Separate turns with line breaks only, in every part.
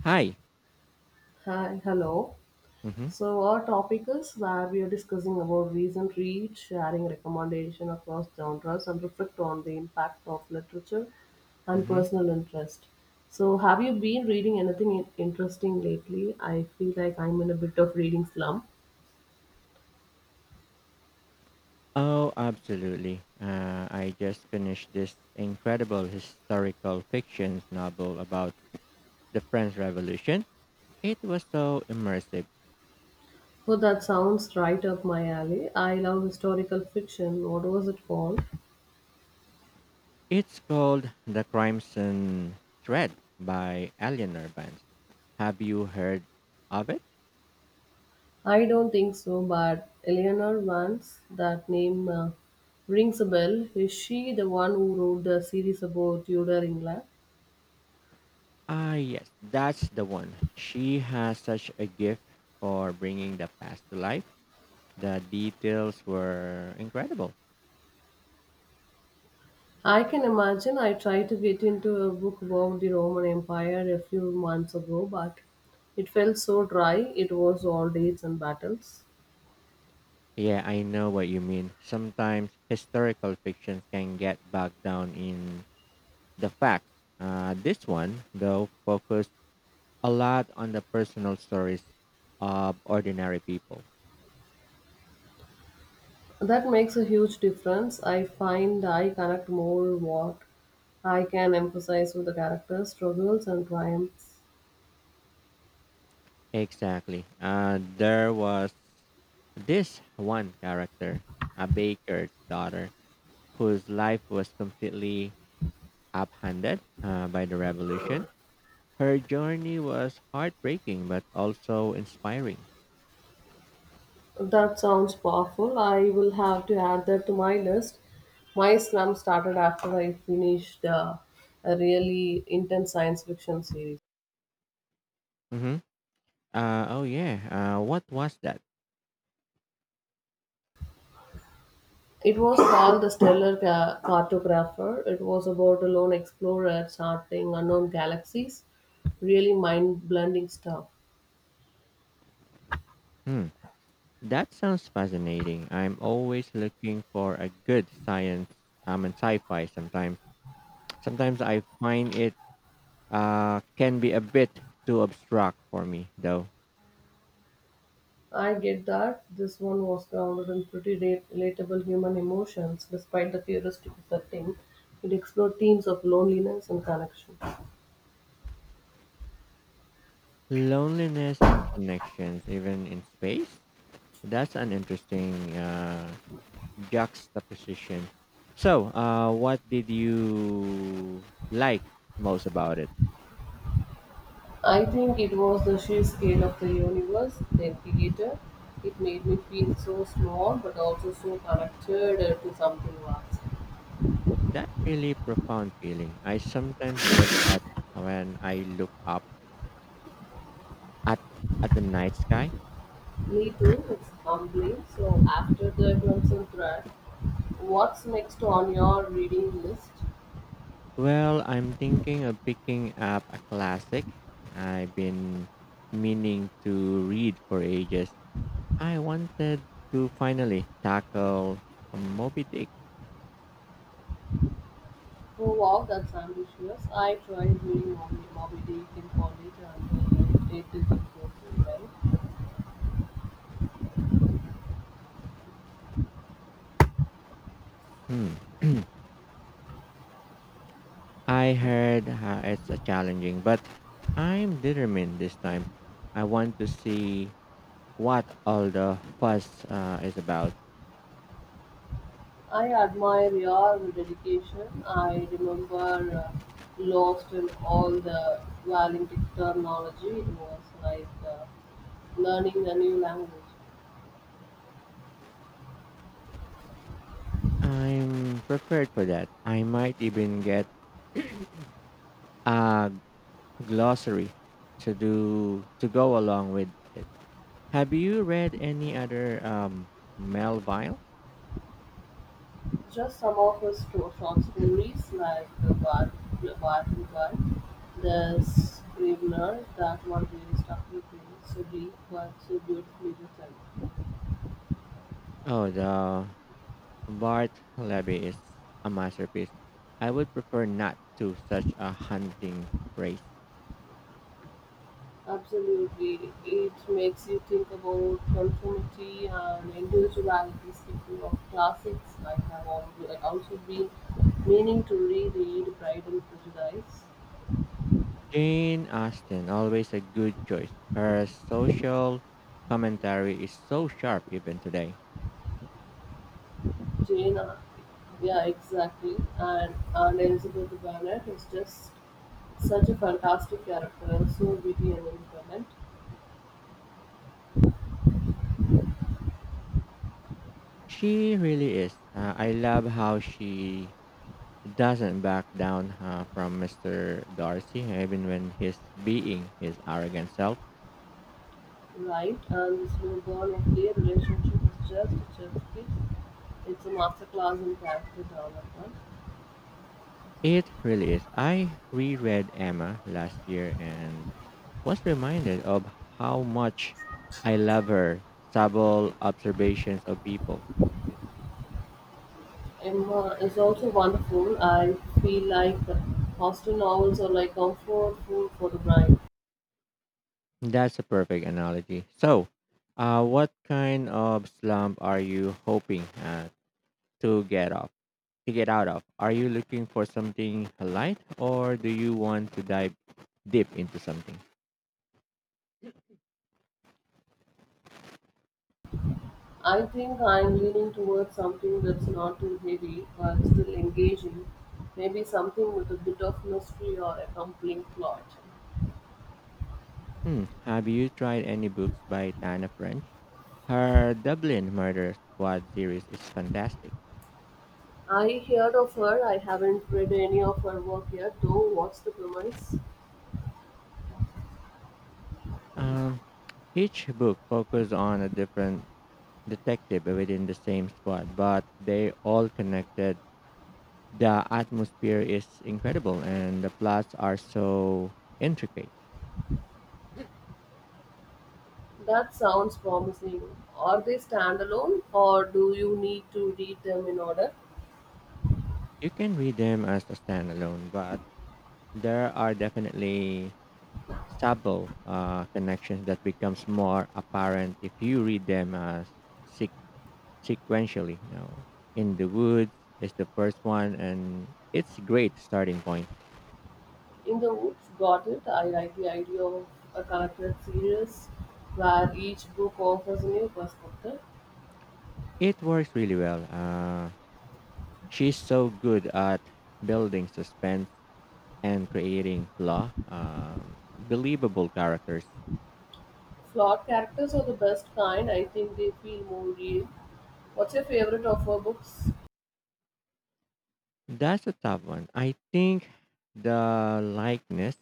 Hi.
Hi, hello.
Mm-hmm.
So our topic is where we are discussing about recent read, sharing recommendation across genres, and reflect on the impact of literature and
Mm-hmm.
personal interest. So have you been reading anything interesting lately? I feel like I'm in a bit of reading slump.
Oh, absolutely. I just finished this incredible historical fiction novel about the French Revolution. It was so immersive.
Oh, that sounds right up my alley. I love historical fiction. What was it called?
It's called The Crimson Thread by Eleanor Vance. Have you heard of it?
I don't think so, but Eleanor Vance, that name rings a bell. Is she the one who wrote the series about Tudor England?
Ah, yes, that's the one. She has such a gift for bringing the past to life. The details were incredible.
I can imagine I tried to get into a book about the Roman Empire a few months ago, but it felt so dry. It was all dates and battles.
Yeah, I know what you mean. Sometimes historical fictions can get bogged down in the facts. This one, though, focused a lot on the personal stories of ordinary people.
That makes a huge difference. I find I connect more what I can emphasize with the characters' struggles and triumphs.
Exactly. There was this one character, a baker's daughter, whose life was completely upended by the revolution. Her journey was heartbreaking but also inspiring.
That sounds powerful. I will have to add that to my list. My slump started after I finished a really intense science fiction series.
Mhm. Oh yeah. What was that?
It was called The Stellar Cartographer. It was about a lone explorer charting unknown galaxies. Really mind blending stuff.
Hmm. That sounds fascinating. I'm always looking for a good science and sci-fi sometimes. Sometimes I find it can be a bit too abstract for me though.
I get that. This one was grounded in pretty relatable human emotions despite the futuristic setting. It explored themes of loneliness and connection.
Loneliness and connections even in space. That's an interesting juxtaposition. So, what did you like most about it?
I think it was the sheer scale of the universe, the theater. It made me feel so small but also so connected to something vast.
That's really profound feeling. I sometimes get that when I look up at at the night sky.
Me too, it's humbling. So, after the Crimson Thread, what's next on your reading list?
Well, I'm thinking of picking up a classic I've been meaning to read for ages. I wanted to finally tackle Moby Dick.
Oh wow, that's ambitious. I tried reading Moby Dick in college and it didn't go so well.
Hmm. I heard it's a challenging, but I'm determined this time. I want to see what all the fuss is about.
I admire your dedication. I remember uh, lost in all the Valintic terminology. It was like learning a new language.
I'm prepared for that. I might even get a glossary to go along with it. Have you read any other Melville?
Just some of his short stories, like the Bar- Bar, the Scrivener, that one really stuck with me so deep but so beautifully written.
Oh, the Bart Levy is a masterpiece. I would prefer not to such a hunting race.
Absolutely. It makes you think about conformity and individuality. Speaking of classics, I have also been meaning to reread Pride and Prejudice.
Jane Austen, always a good choice. Her social commentary is so sharp even today.
Jane, uh, yeah, exactly. And Elizabeth Bennet is just such a fantastic character and so witty and independent,
She really is. I love how she doesn't back down from Mr. Darcy, even when he's being his arrogant self.
right? And the slow burn of their relationship is just a chef's kiss. It's a masterclass in character development.
It really is. I reread Emma last year and was reminded of how much I love her subtle observations of people.
Emma is also wonderful. I feel like hostel novels are like comfort food for the brain.
That's a perfect analogy. So, what kind of slump are you hoping to get off? To get out of? Are you looking for something light, or do you want to dive deep into something?
I think I'm leaning towards something that's not too heavy but still engaging. Maybe something with a bit of mystery or a compelling plot.
Hmm. Have you tried any books by Tana French? Her Dublin Murder Squad series is fantastic.
I heard of her. I haven't read any of her work yet, though. What's the premise?
Um, each book focuses on a different detective within the same squad, but they all connected. The atmosphere is incredible, and the plots are so intricate.
That sounds promising. Are they standalone, or do you need to read them in order?
You can read them as a standalone, but there are definitely subtle connections that becomes more apparent if you read them as sequentially. You know, in the woods is the first one, and it's great starting point.
In the Woods Got It, I like the idea of a collected series where each book offers a new perspective.
It works really well. She's so good at building suspense and creating believable characters.
Flawed characters are the best kind, I think they feel more real. What's your favorite of her books?
That's a tough one. I think the likeness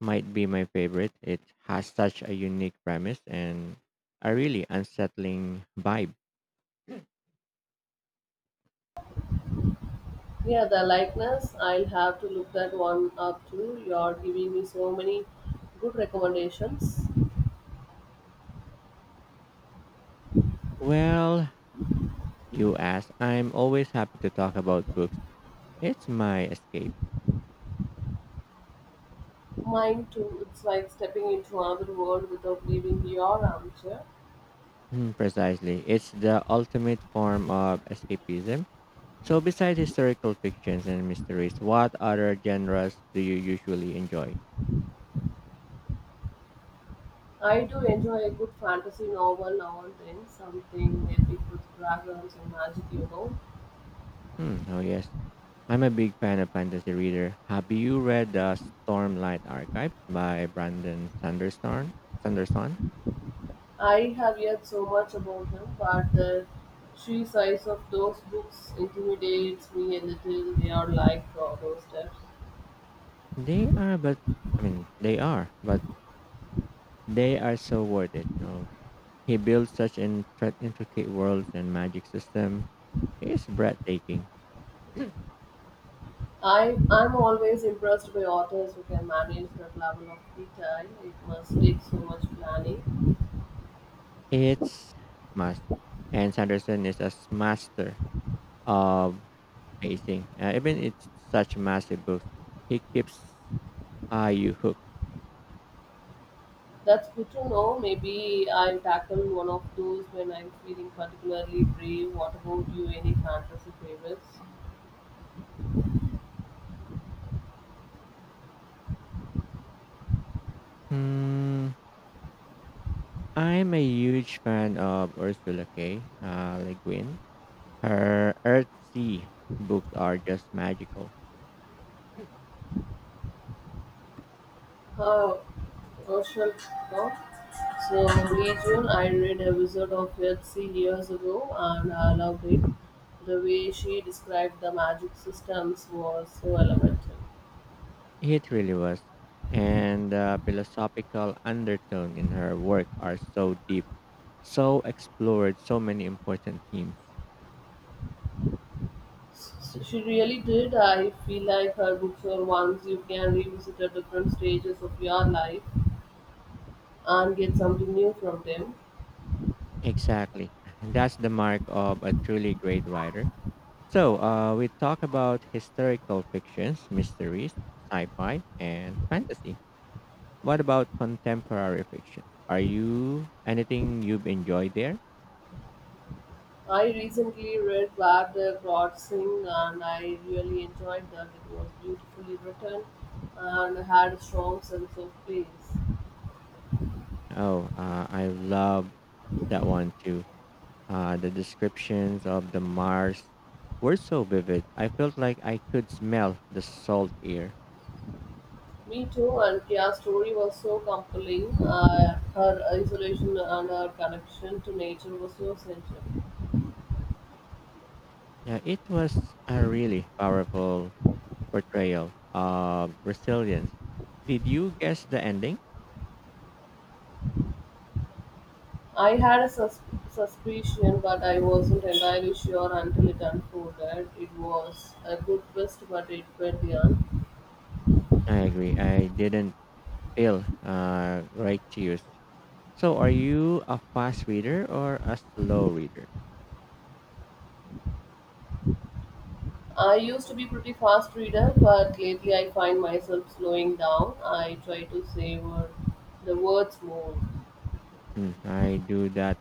might be my favorite. It has such a unique premise and a really unsettling vibe.
Yeah, the likeness, I'll have to look that one up too. You're giving me so many good recommendations.
Well, you asked. I'm always happy to talk about books. It's my escape.
Mine too, it's like stepping into another world without leaving your armchair.
Mm, precisely. It's the ultimate form of escapism. So, besides historical fictions and mysteries, what other genres do you usually enjoy?
I do enjoy a good fantasy novel now and then, something epic with dragons and magic, you know.
Hmm, oh, yes. I'm a big fan of fantasy reader. Have you read the Stormlight Archives by Brandon Sanderson? Sanderson?
I have heard so much about them, but the sheer size of those books intimidates me a little. They are like monsters.
They are, but I mean, they are, but they are so worth it. No, he built such an intricate worlds and magic system. It's breathtaking.
I'm always impressed by authors who can manage that level of detail. It must take so much planning.
It's must. And Sanderson is a master of pacing. Even it's such massive books, he keeps you hooked.
That's good to know. Maybe I'll tackle one of those when I'm feeling particularly brave. What about you? Any fantasy favorites?
Hmm, I'm a huge fan of Ursula K. Le Guin. Her Earthsea books are just magical.
Her Herschel Poe. So May June, I read A Wizard of Earthsea years ago, and I loved it. The way she described the magic systems was so elemental.
It really was. And the philosophical undertone in her work are so deep, so explored so many important themes.
So she really did. I feel like her books are ones you can revisit at different stages of your life and get something new from them.
Exactly. That's the mark of a truly great writer. So, we talk about historical fictions, mysteries, sci-fi, and fantasy. What about contemporary fictions? Are you anything you've enjoyed there?
I recently read Where the Gods Sing and I really enjoyed that. It was beautifully written and had a strong sense of place.
Oh, I love that one too. The descriptions of the Mars were so vivid. I felt like I could smell the salt air.
Me too, and Kia's story was so compelling. Her isolation and her connection to nature was so central.
Yeah, it was a really powerful portrayal of resilience. Did you guess the ending?
I had a suspicion, but I wasn't entirely sure until it unfolded. It was a good twist, but it went beyond
I agree. I didn't feel right to use. So, are you a fast reader or a slow reader?
I used to be pretty fast reader, but lately I find myself slowing down. I try to savor the words more.
Hmm, I do that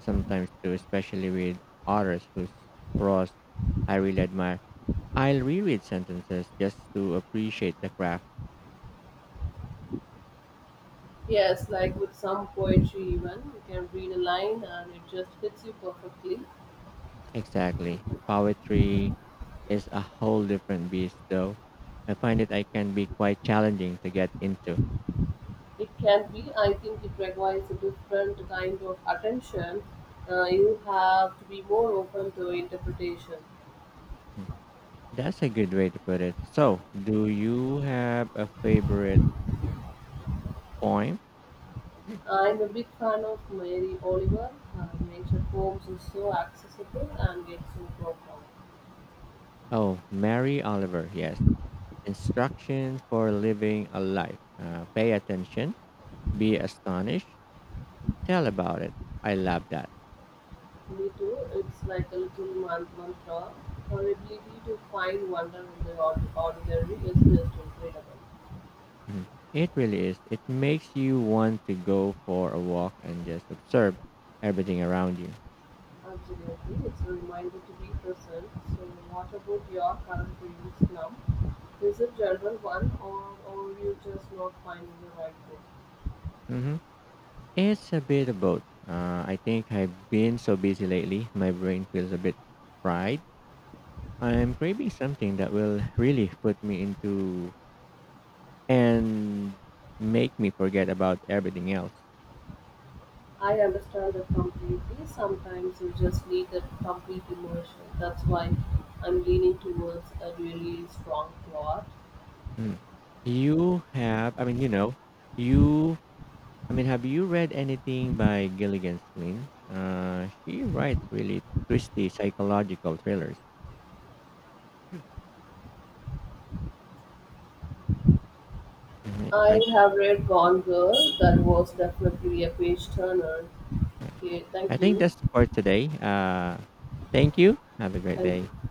sometimes too, especially with authors whose prose I really admire. I'll reread sentences just to appreciate the craft.
Yes, like with some poetry even, you can read a line and it just hits you perfectly.
Exactly. Poetry is a whole different beast, though. I find it I can be quite challenging to get into.
It can be, I think it requires a different kind of attention. You have to be more open to interpretation.
That's a good way to put it. So, do you have a favorite poem?
I'm a big fan of Mary Oliver. Her nature poems is so accessible and yet so profound.
Oh, Mary Oliver, yes. Instructions for living a life. Pay attention, be astonished, tell about it. I love that.
Me too. It's like a little mantra. Her ability to find wonder in the ordinary is just incredible.
Mhm. It really is. It makes you want to go for a walk and just observe everything around you.
Absolutely. It's a reminder to be present. So, what about your current readings now? Is it general one or you just not finding the right book?
Hmm, it's a bit of both. I think I've been so busy lately, my brain feels a bit fried. I'm craving something that will really put me into and make me forget about everything else.
I understand that completely. Sometimes you just need that complete immersion. That's why I'm leaning towards a really strong plot
Mm. You have, I mean, you know, you, I mean, have you read anything by Gilligan Flynn? She writes really twisty psychological thrillers. Mhm.
I have read Gone Girl. That was definitely a page turner. Okay,
I
thank
think
you.
that's for today. Thank you. Have a great
Thank
day.
you.